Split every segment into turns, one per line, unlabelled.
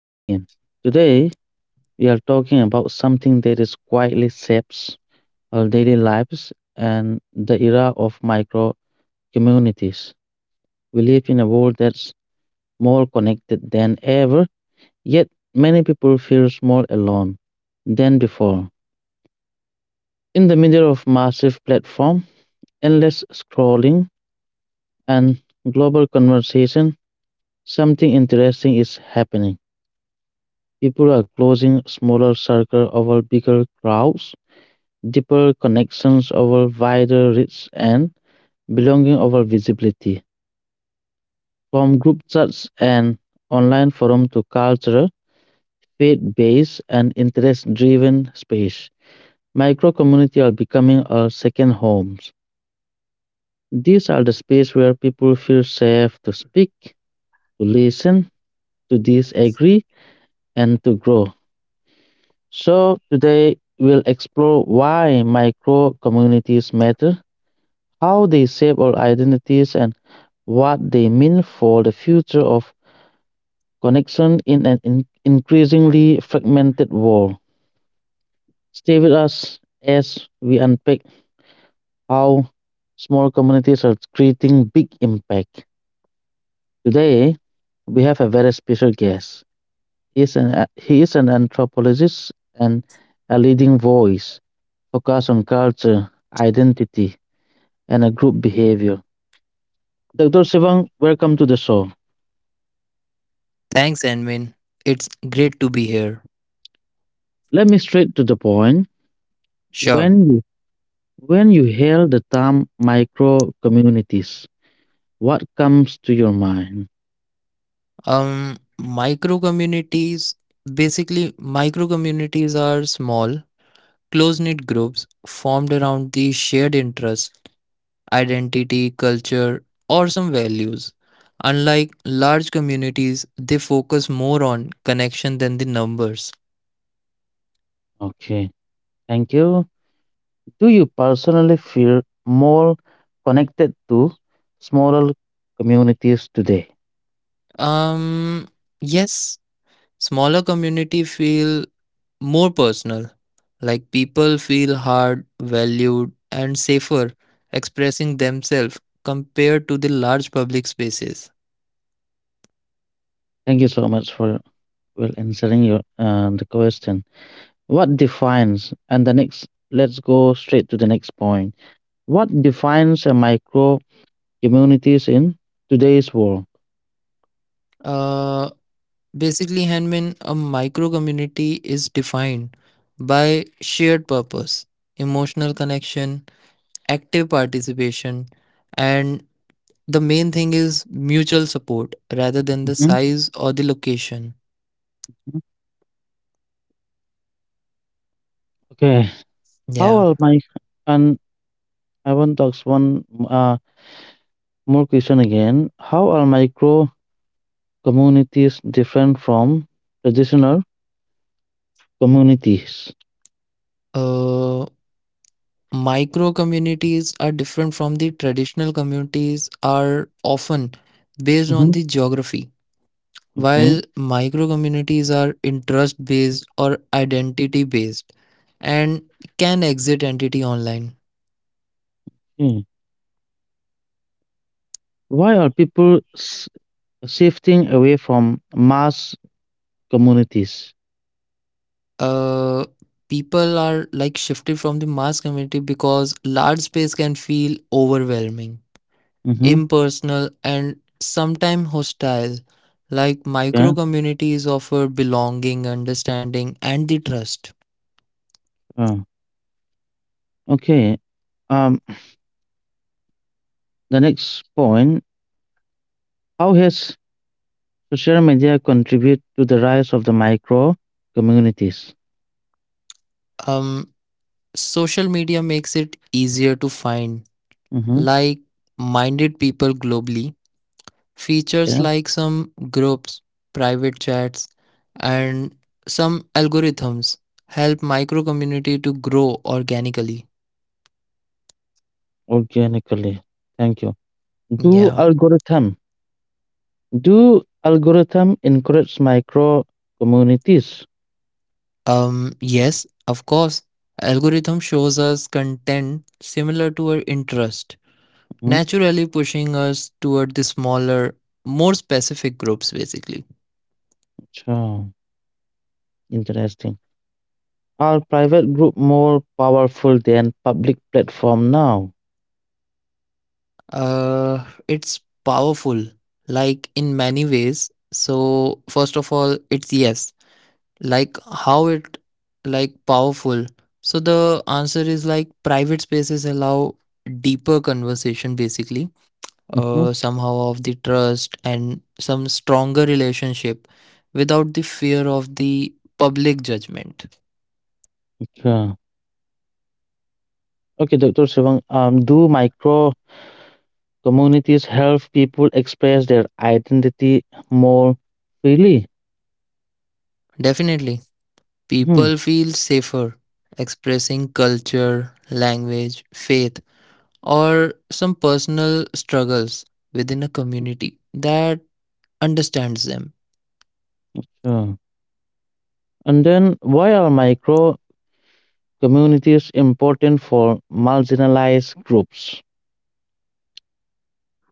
tuning in. Today we are talking about something that is quietly shapes our daily lives and the era of micro communities. We live in a world that's more connected than ever, yet many people feel more alone than before. In the middle of massive platform, endless scrolling and global conversation, something interesting is happening. People are closing smaller circles over bigger crowds, deeper connections over wider reach and belonging over visibility. From group chats and online forum to cultural, faith-based and interest-driven space, micro community are becoming our second homes. These are the space where people feel safe to speak, to listen, to disagree, and to grow. So, today we'll explore why micro communities matter, how they shape our identities, and what they mean for the future of connection in an increasingly fragmented world. Stay with us as we unpack how small communities are creating big impact. Today, we have a very special guest. He is an anthropologist and a leading voice focused on culture, identity, and a group behavior. Dr. Sivang, welcome to the show.
Thanks, Anvin. It's great to be here.
Let me straight to the point.
Sure.
When you, when you hear the term micro communities, what comes to your mind?
Um, micro communities micro communities are small, close knit groups formed around the shared interests, identity, culture, or some values. Unlike large communities, they focus more on connection than the numbers.
Okay, thank you. Do you personally feel more connected to smaller communities today?
Um, yes, smaller community feel more personal. Like people feel hard, valued, and safer expressing themselves compared to the large public spaces.
Thank you so much for well answering your the question. What defines and the next? Let's go straight to the next point. What defines a micro communities in today's world.
Uh, basically, Hanmin, a micro community is defined by shared purpose, emotional connection, active participation, and the main thing is mutual support rather than the
Mhm,
size or the location.
mhm. Okay, how
Yeah.
are my, and I want to ask one more question again. How are micro communities different from traditional communities?
Uh, micro communities are different from the traditional communities are often based on
Mhm.
the geography, while
Okay.
micro communities are interest based or identity based and can exit entity online.
Hmm. Why are people shifting away from mass communities?
uh People are like shifted from the mass community because large space can feel overwhelming,
Mm-hmm.
impersonal, and sometimes hostile. Like micro
Yeah.
communities offer belonging, understanding, and the trust.
Uh, okay. Um. The next point. How has So, social media contribute to the rise of the micro communities.
um Social media makes it easier to find
Mhm,
like minded people globally.
yeah,
Features like some groups, private chats, and some algorithms help micro community to grow organically.
organically. Thank you. Do
Yeah
algorithm do algorithm encourage micro communities?
Yes, of course, algorithm shows us content similar to our interest,
Mhm,
naturally pushing us toward the smaller, more specific groups basically.
so interesting. Are private group more powerful than public platform now?
It's powerful, like in many ways. So, first of all, it's yes. Like how it, like powerful. So the answer is like private spaces allow deeper conversation basically.
Mhm,
Somehow of the trust and some stronger relationship without the fear of the public judgment.
yeah. Okay, Dr. Sivang, do micro communities help people express their identity more freely.
Definitely,
Mhm,
people feel safer expressing culture, language, faith, or some personal struggles within a community that understands them.
sure. And then, why are micro communities important for marginalized groups?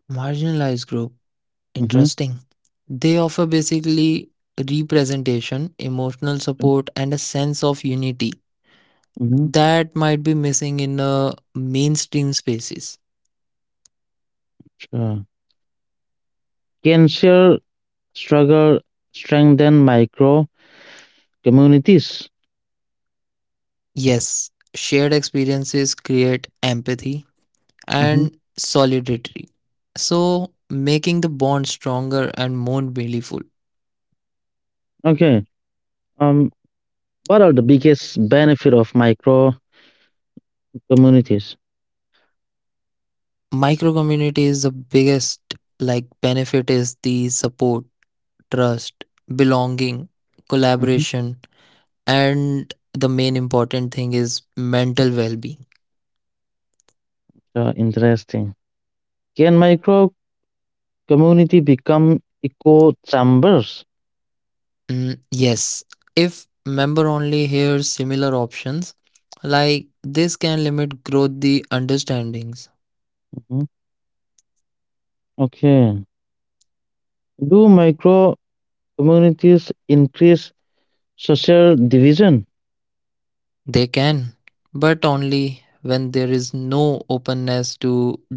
Marginalized group,
Hmm.
interesting. They offer basically representation, emotional support, and a sense of unity
Hmm.
that might be missing in mainstream spaces.
Sure. Can shared struggle strengthen micro communities?
Yes, shared experiences create empathy
Hmm.
and solidarity, so making the bond stronger and more meaningful.
Okay. Um, what are the biggest benefit of micro communities?
Micro community is the biggest like benefit is the support, trust, belonging,
Hmm.
collaboration, and the main important thing is mental well-being.
Sure, interesting. Can micro community become echo chambers?
Mm, yes, if member only hears similar options, like this can limit growth the understandings.
Mhm. Okay. Do micro communities increase social division?
They can, but only when there is no openness to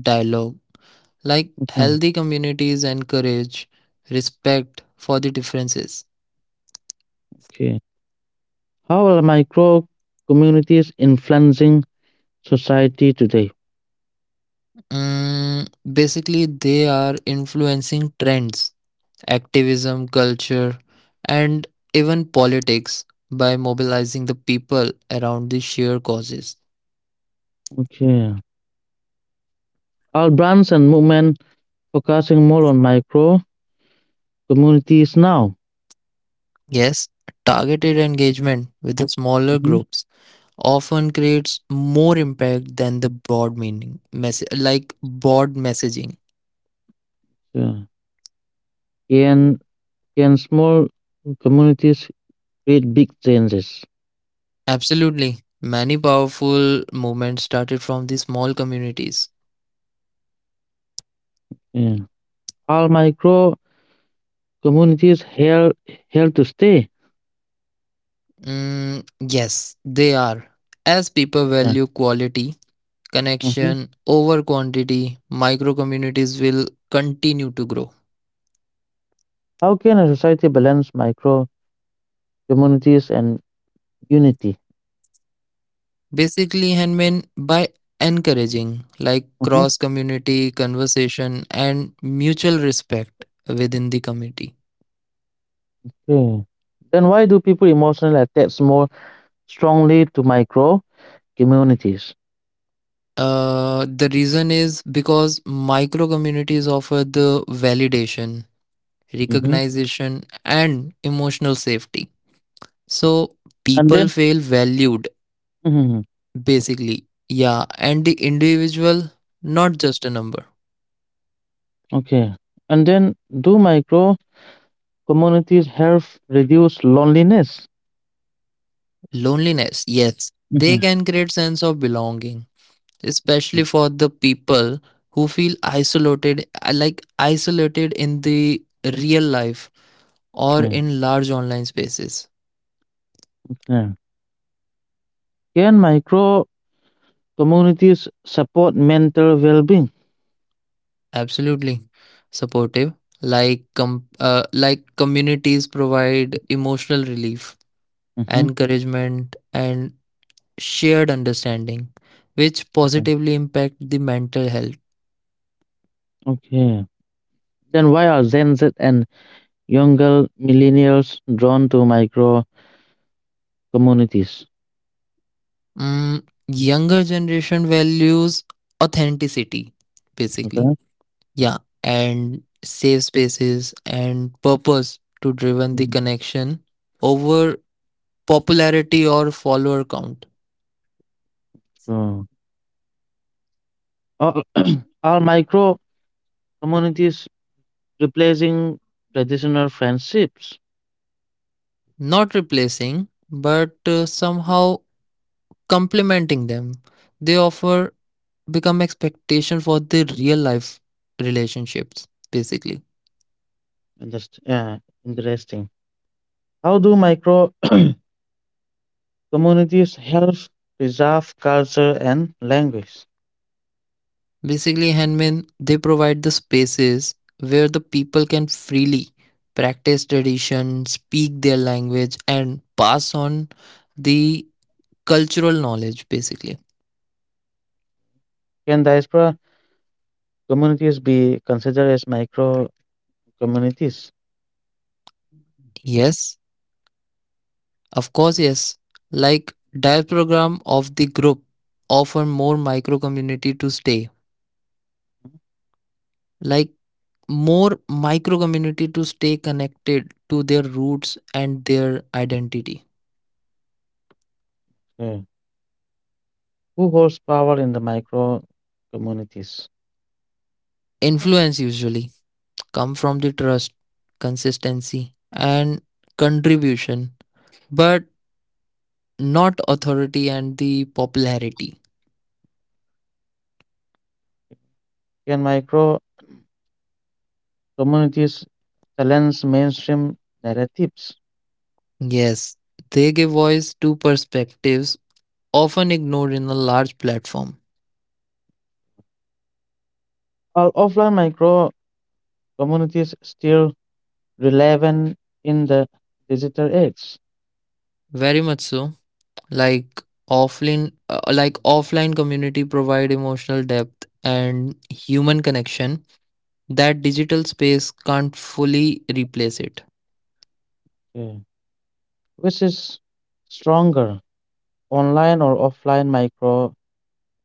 dialogue. Like
Mm.
healthy communities encourage respect for the differences.
Okay. How are micro communities influencing society today?
Mm, basically, they are influencing trends, activism, culture, and even politics by mobilizing the people around the shared causes.
Okay. Are brands and movement focusing more on micro communities now?
Yes, targeted engagement with the smaller
Mhm.
groups often creates more impact than the broad meaning, like broad messaging.
Yeah. Can can small communities create big changes?
Absolutely. Many powerful movements started from the small communities.
Yeah. Are micro communities here to stay?
Mm, yes, they are. As people
Yeah.
value quality,
Mhm.
connection over quantity, micro communities will continue to grow.
How can a society balance micro communities and unity?
Basically, handmade by encouraging like
Mhm.
cross community conversation and mutual respect within the community.
Okay. Then why do people emotionally attach more strongly to micro communities?
The reason is because micro communities offer the validation,
Hmm.
recognition, and emotional safety. So
And then,
people feel valued,
mhm.
basically. Yeah, and the individual, not just a number.
Okay. And then, do micro communities help reduce loneliness?
Loneliness, yes, they
Hmm.
can create sense of belonging, especially for the people who feel isolated, I like isolated in the real life or
Okay.
in large online spaces.
Yeah. Can micro communities support mental well-being?
Absolutely supportive. Like communities provide emotional relief,
Hmm.
encouragement, and shared understanding, which
Okay.
positively impact the mental health.
Okay. Then why are Gen Z and younger millennials drawn to micro communities,
Mm, younger generation values authenticity, basically.
okay?
Yeah, and safe spaces and purpose to driven the
Mhm.
connection over popularity or follower count.
So, are are micro communities replacing traditional friendships?
Not replacing, but somehow complementing them. They offer become expectation for the real life relationships, basically.
Yeah, interesting. How do micro communities help preserve culture and language?
Basically, handmen they provide the spaces where the people can freely practice tradition, speak their language, and pass on the cultural knowledge, basically.
Can diaspora communities be considered as micro communities?
Yes, of course, yes. Like diagram of the group offer more micro community to stay. Like more micro community to stay connected to their roots and their identity.
Yeah. Who holds power in the micro communities? Yeah.
Influence usually come from the trust, consistency, and contribution, but not authority and the popularity.
Can micro communities challenge mainstream narratives?
Yes, they give voice to perspectives often ignored in a large platform.
Our offline micro communities still relevant in the digital age?
Very much so. Like like offline community provide emotional depth and human connection that digital space can't fully replace it.
Yeah. Which is stronger, online or offline micro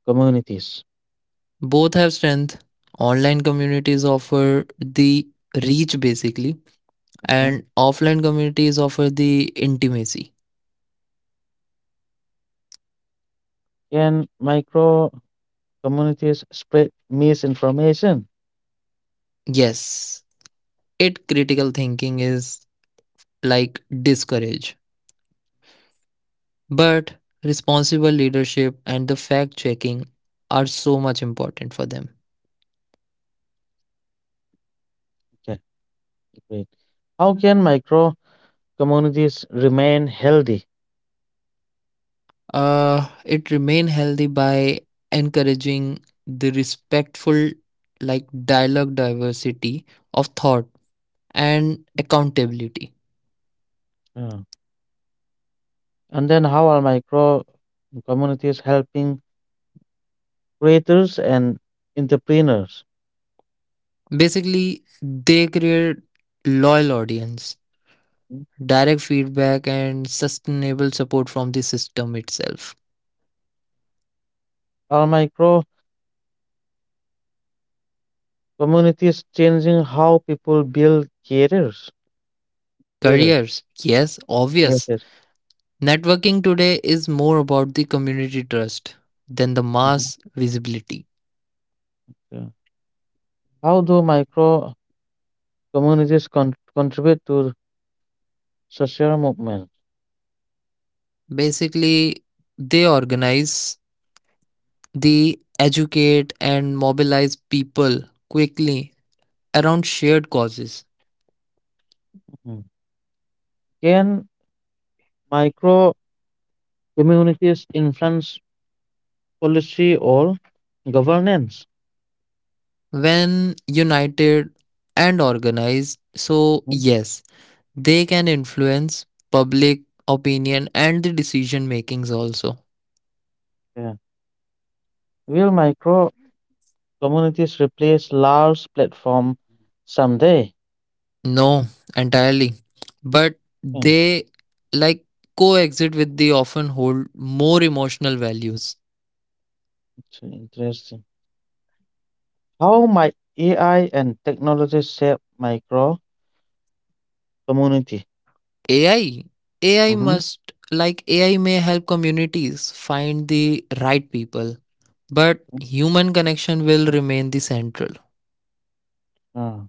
communities?
Both have strength. Online communities offer the reach basically,
Okay.
and offline communities offer the intimacy.
Can micro communities spread misinformation?
Yes, it critical thinking is like discourage, but responsible leadership and the fact checking are so much important for them.
Okay, great. How can micro communities remain healthy?
It remain healthy by encouraging the respectful like dialogue, diversity of thought, and accountability.
Yeah. And then how are micro communities helping creators and entrepreneurs?
Basically they create loyal audience, direct feedback, and sustainable support from the system itself.
Are micro communities changing how people build careers? Career.
Careers, yes,
Yes, yes.
obvious. Networking today is more about the community trust than the
Mhm.
mass visibility.
Yeah. How do micro communities contribute to social movement?
Basically they organize. They educate and mobilize people quickly around shared causes.
Mhm. Can micro communities influence policy or governance?
When united and organized, so
Mhm.
yes, they can influence public opinion and the decision makings also.
Yeah. Will micro communities replace large platform someday?
No, entirely. But
Yeah,
they like coexist with the often hold more emotional values.
it's interesting. How might AI and technology shape micro grow community?
AI,
Mhm.
AI may help communities find the right people, but human connection will remain the central.
Uh,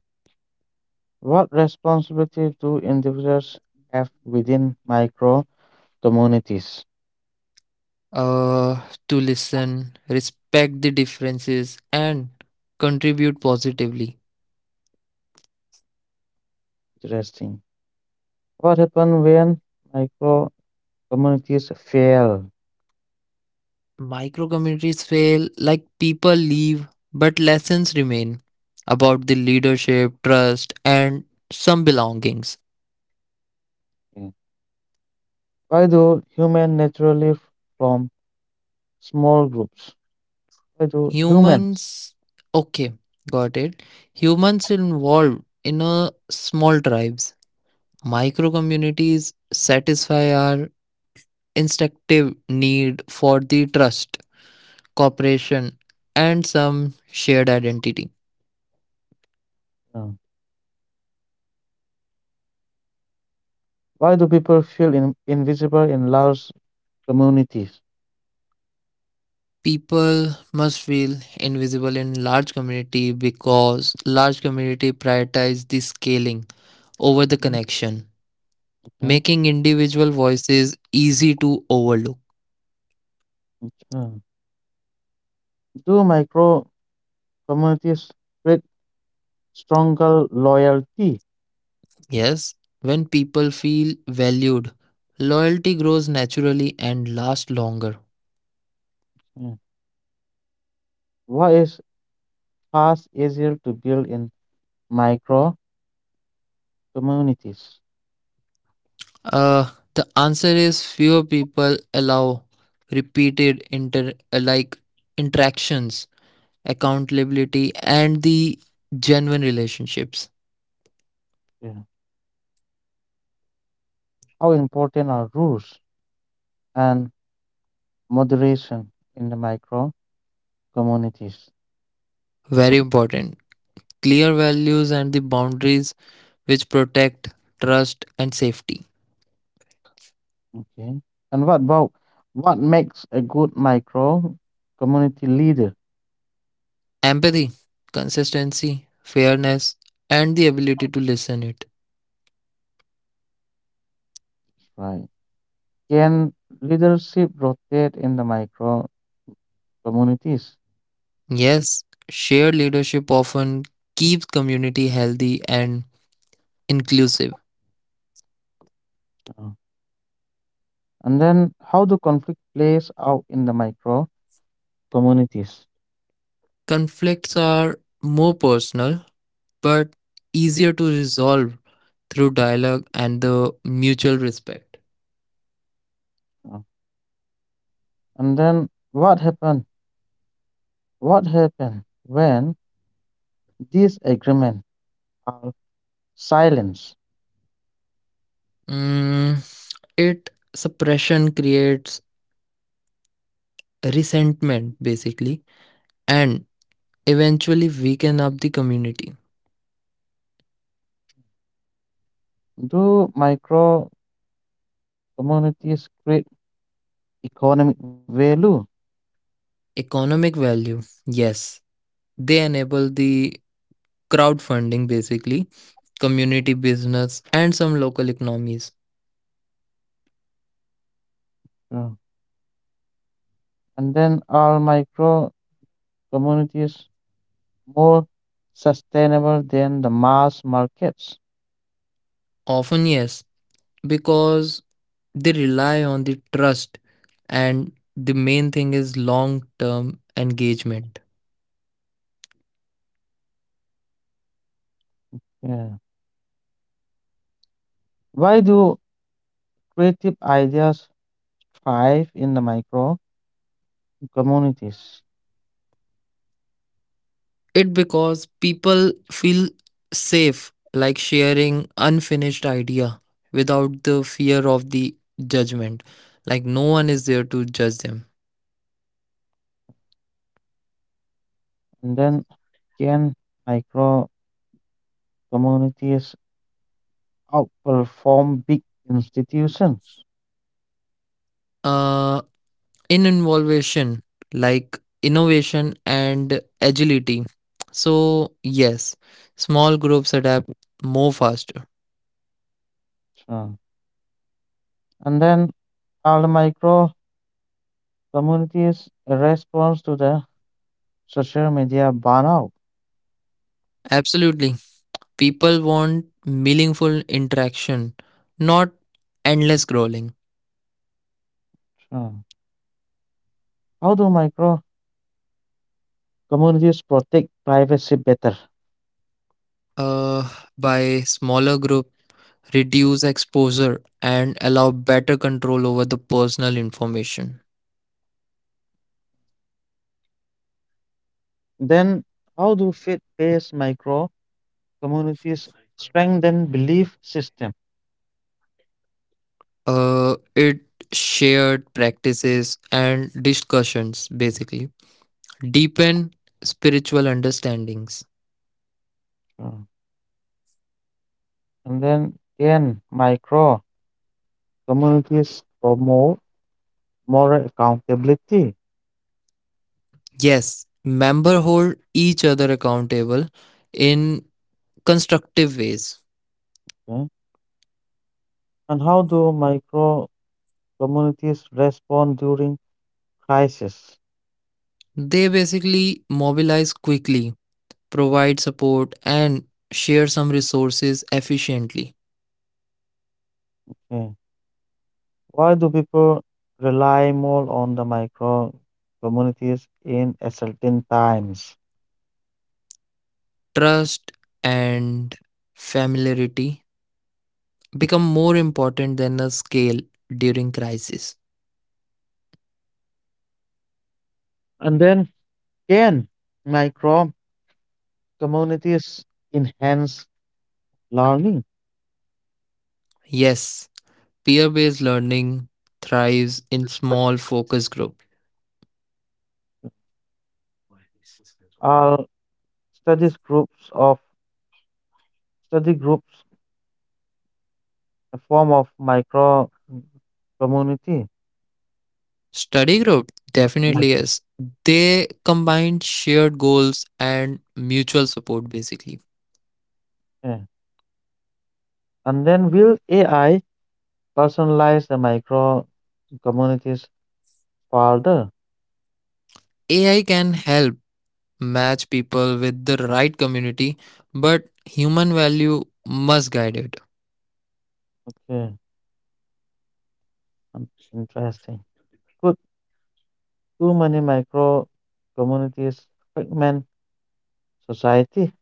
what responsibility do individuals have within micro communities?
Uh, to listen, respect the differences, and contribute positively.
Interesting. What happens when micro communities fail?
Micro communities fail, like, people leave, but lessons remain about the leadership, trust, and some belongings.
Yeah. Why do humans naturally from small groups? Why do humans?
Humans, okay, got it. Humans involved in a small tribes, micro communities satisfy our instinctive need for the trust, cooperation, and some shared identity.
Yeah. Why do people feel invisible in large communities?
People must feel invisible in large community because large community prioritize the scaling over the
Mhm.
connection,
Okay.
making individual voices easy to overlook.
Okay. Do micro communities with stronger loyalty?
Yes, when people feel valued, loyalty grows naturally and lasts longer.
Mm. What is fast, easier to build in micro communities?
The answer is fewer people allow repeated inter like interactions, accountability, and the genuine relationships.
Yeah. How important are rules and moderation in the micro communities?
Very important. Clear values and the boundaries which protect trust and safety.
Okay. And what about what makes a good micro community leader?
Empathy, consistency, fairness, and the ability to listen it.
Right. Can leadership rotate in the micro communities?
Yes, shared leadership often keeps community healthy and inclusive.
Uh, And then how do conflict plays out in the micro communities?
Conflicts are more personal but easier to resolve through dialogue and the mutual respect.
And then what happened? What happened when these agreements are silenced?
Mm, it suppression creates resentment basically and eventually weaken up the community.
Do micro communities create economic value?
Economic value, yes, they enable the crowdfunding basically, community business, and some local economies.
Sure. And then are micro communities more sustainable than the mass markets?
Often, yes, because they rely on the trust, and the main thing is long term engagement.
Yeah. Why do creative ideas thrive in the micro communities?
It because people feel safe, like sharing unfinished idea without the fear of the judgment, like no one is there to judge them.
And then can micro communities outperform big institutions?
Uh, in innovation, like innovation and agility, so yes, small groups adapt more faster.
Sure. And then are the micro communities a response to the social media burnout?
Absolutely, people want meaningful interaction, not endless scrolling.
Sure. How do micro communities protect privacy better?
uh, by smaller group reduce exposure and allow better control over the personal information.
Then how do faith-based micro communities strengthen belief system?
It shared practices and discussions basically deepen spiritual understandings.
Sure. And then can micro communities promote moral accountability?
Yes, members hold each other accountable in constructive ways.
Okay. And how do micro communities respond during crisis?
They basically mobilize quickly, provide support, and share some resources efficiently.
Yeah. Why do people rely more on the micro communities in certain times?
Trust and familiarity become more important than a scale during crisis.
And then, can micro communities enhance learning?
Yes, peer based learning thrives in small focus group.
Are studies groups of study groups a form of micro community?
Study group
Yes.
definitely is. They combine shared goals and mutual support basically.
Yeah. And then, will AI personalize the micro communities further?
AI can help match people with the right community, but human value must guide it.
Okay, interesting. Could too many micro communities fragment society?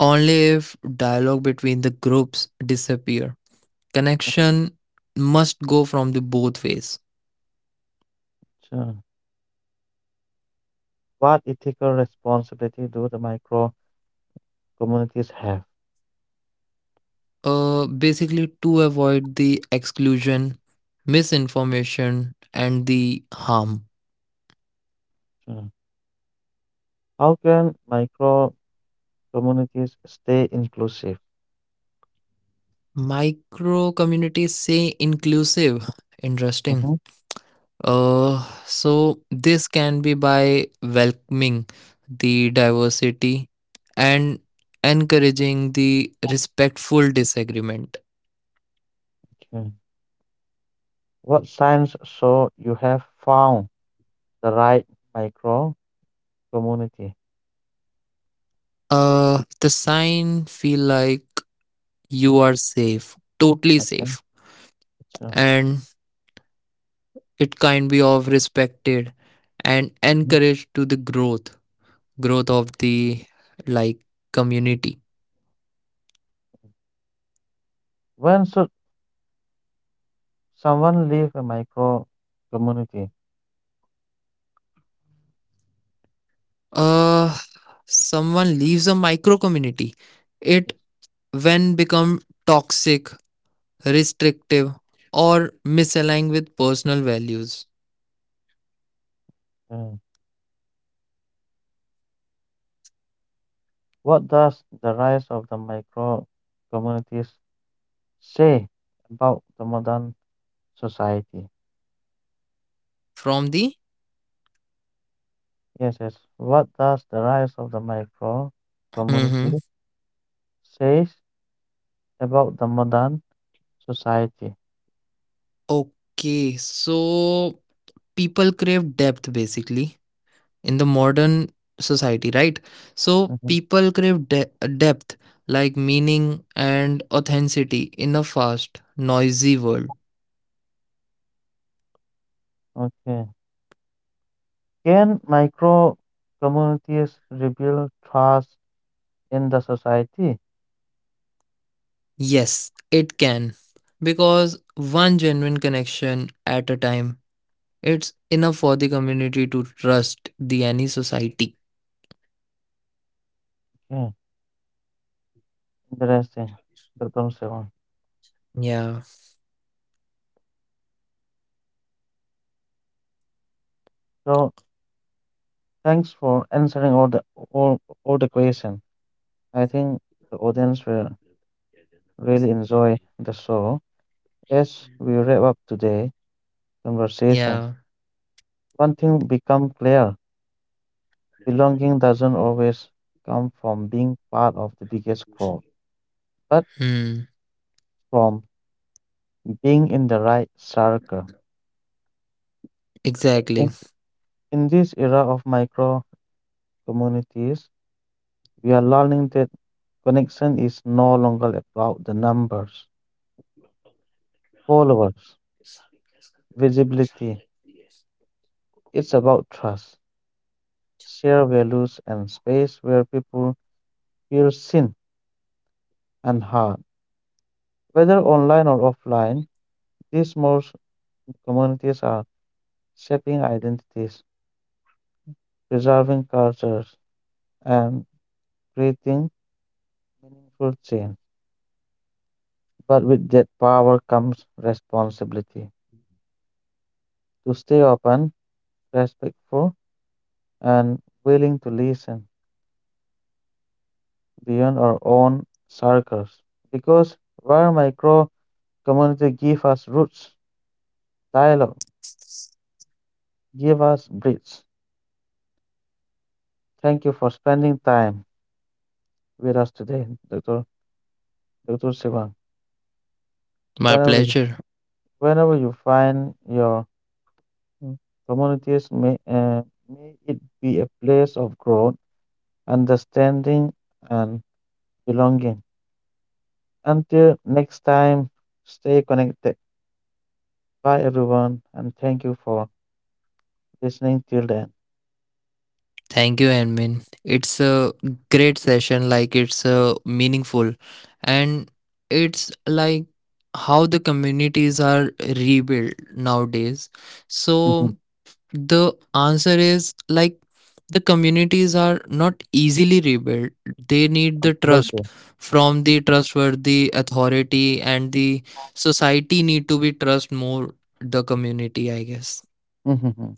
Only if dialogue between the groups disappear. Connection must go from the both ways.
Sure. What ethical responsibility do the micro communities have?
Basically to avoid the exclusion, misinformation, and the harm.
Sure. How can micro communities stay inclusive?
Micro communities say inclusive.
Mhm.
Interesting. So this can be by welcoming the diversity and encouraging the respectful disagreement.
Okay. What signs show you have found the right micro community?
The sign feel like you are safe, totally
Okay.
safe,
Sure.
and it can be of respected and
Mm.
encouraged to the growth, growth of the like community.
When should someone leave a micro community?
uh Someone leaves a micro community, it
Yes.
when become toxic, restrictive, or misaligned with personal values.
Uh, What does the rise of the micro communities say about the modern society?
From the,
Yes, yes. What does the rise of the micro
hmm,
community says about the modern society?
okay, so people crave depth basically in the modern society, right? so
Mhm.
people crave de- depth, like meaning and authenticity in a fast noisy world.
Okay. Can micro communities rebuild trust in the society?
Yes, it can. Because one genuine connection at a time, it's enough for the community to trust the any society.
Okay. Interesting. The concept.
Yeah,
So thanks for answering all the all the question. I think the audience will really enjoy the show as we wrap up today, conversation,
yeah.
one thing become clear. Belonging doesn't always come from being part of the biggest group, but
Hmm.
from being in the right circle.
Exactly.
In, in this era of micro communities, we are learning that connection is no longer about the numbers, followers, visibility. It's about trust, shared values, and space where people feel seen and heard. Whether online or offline, these more communities are shaping identities, preserving cultures, and creating food chains. But with that power comes responsibility to stay open, respectful, and willing to listen beyond our own circles. Because where micro community give us roots, dialogue, give us bridge. Thank you for spending time with us today, Dr. Dr. Sivan.
My
Whenever,
pleasure.
whenever you find your Mm. communities may it be a place of growth, understanding, and belonging. Until next time, stay connected. Bye, everyone, and thank you for listening till then.
Thank you, Admin. It's a great session, like it's meaningful, and it's like how the communities are rebuilt nowadays. So
Hmm.
the answer is like the communities are not easily rebuilt. They need the trust
Absolutely.
from the trustworthy authority, and the society need to be trust more the community, I guess.
Hmm.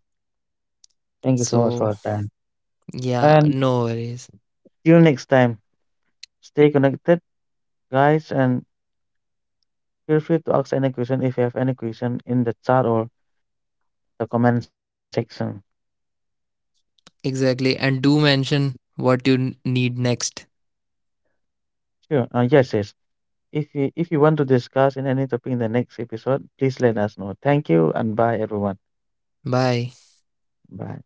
Thank you so much for
So
your time.
yeah,
And
no worries.
till next time, stay connected, guys, and feel free to ask any question if you have any question in the chat or the comment section.
Exactly. And do mention what you need next.
Sure. Yes, yes. If you want to discuss in any topic in the next episode, please let us know. Thank you and bye everyone.
Bye.
Bye.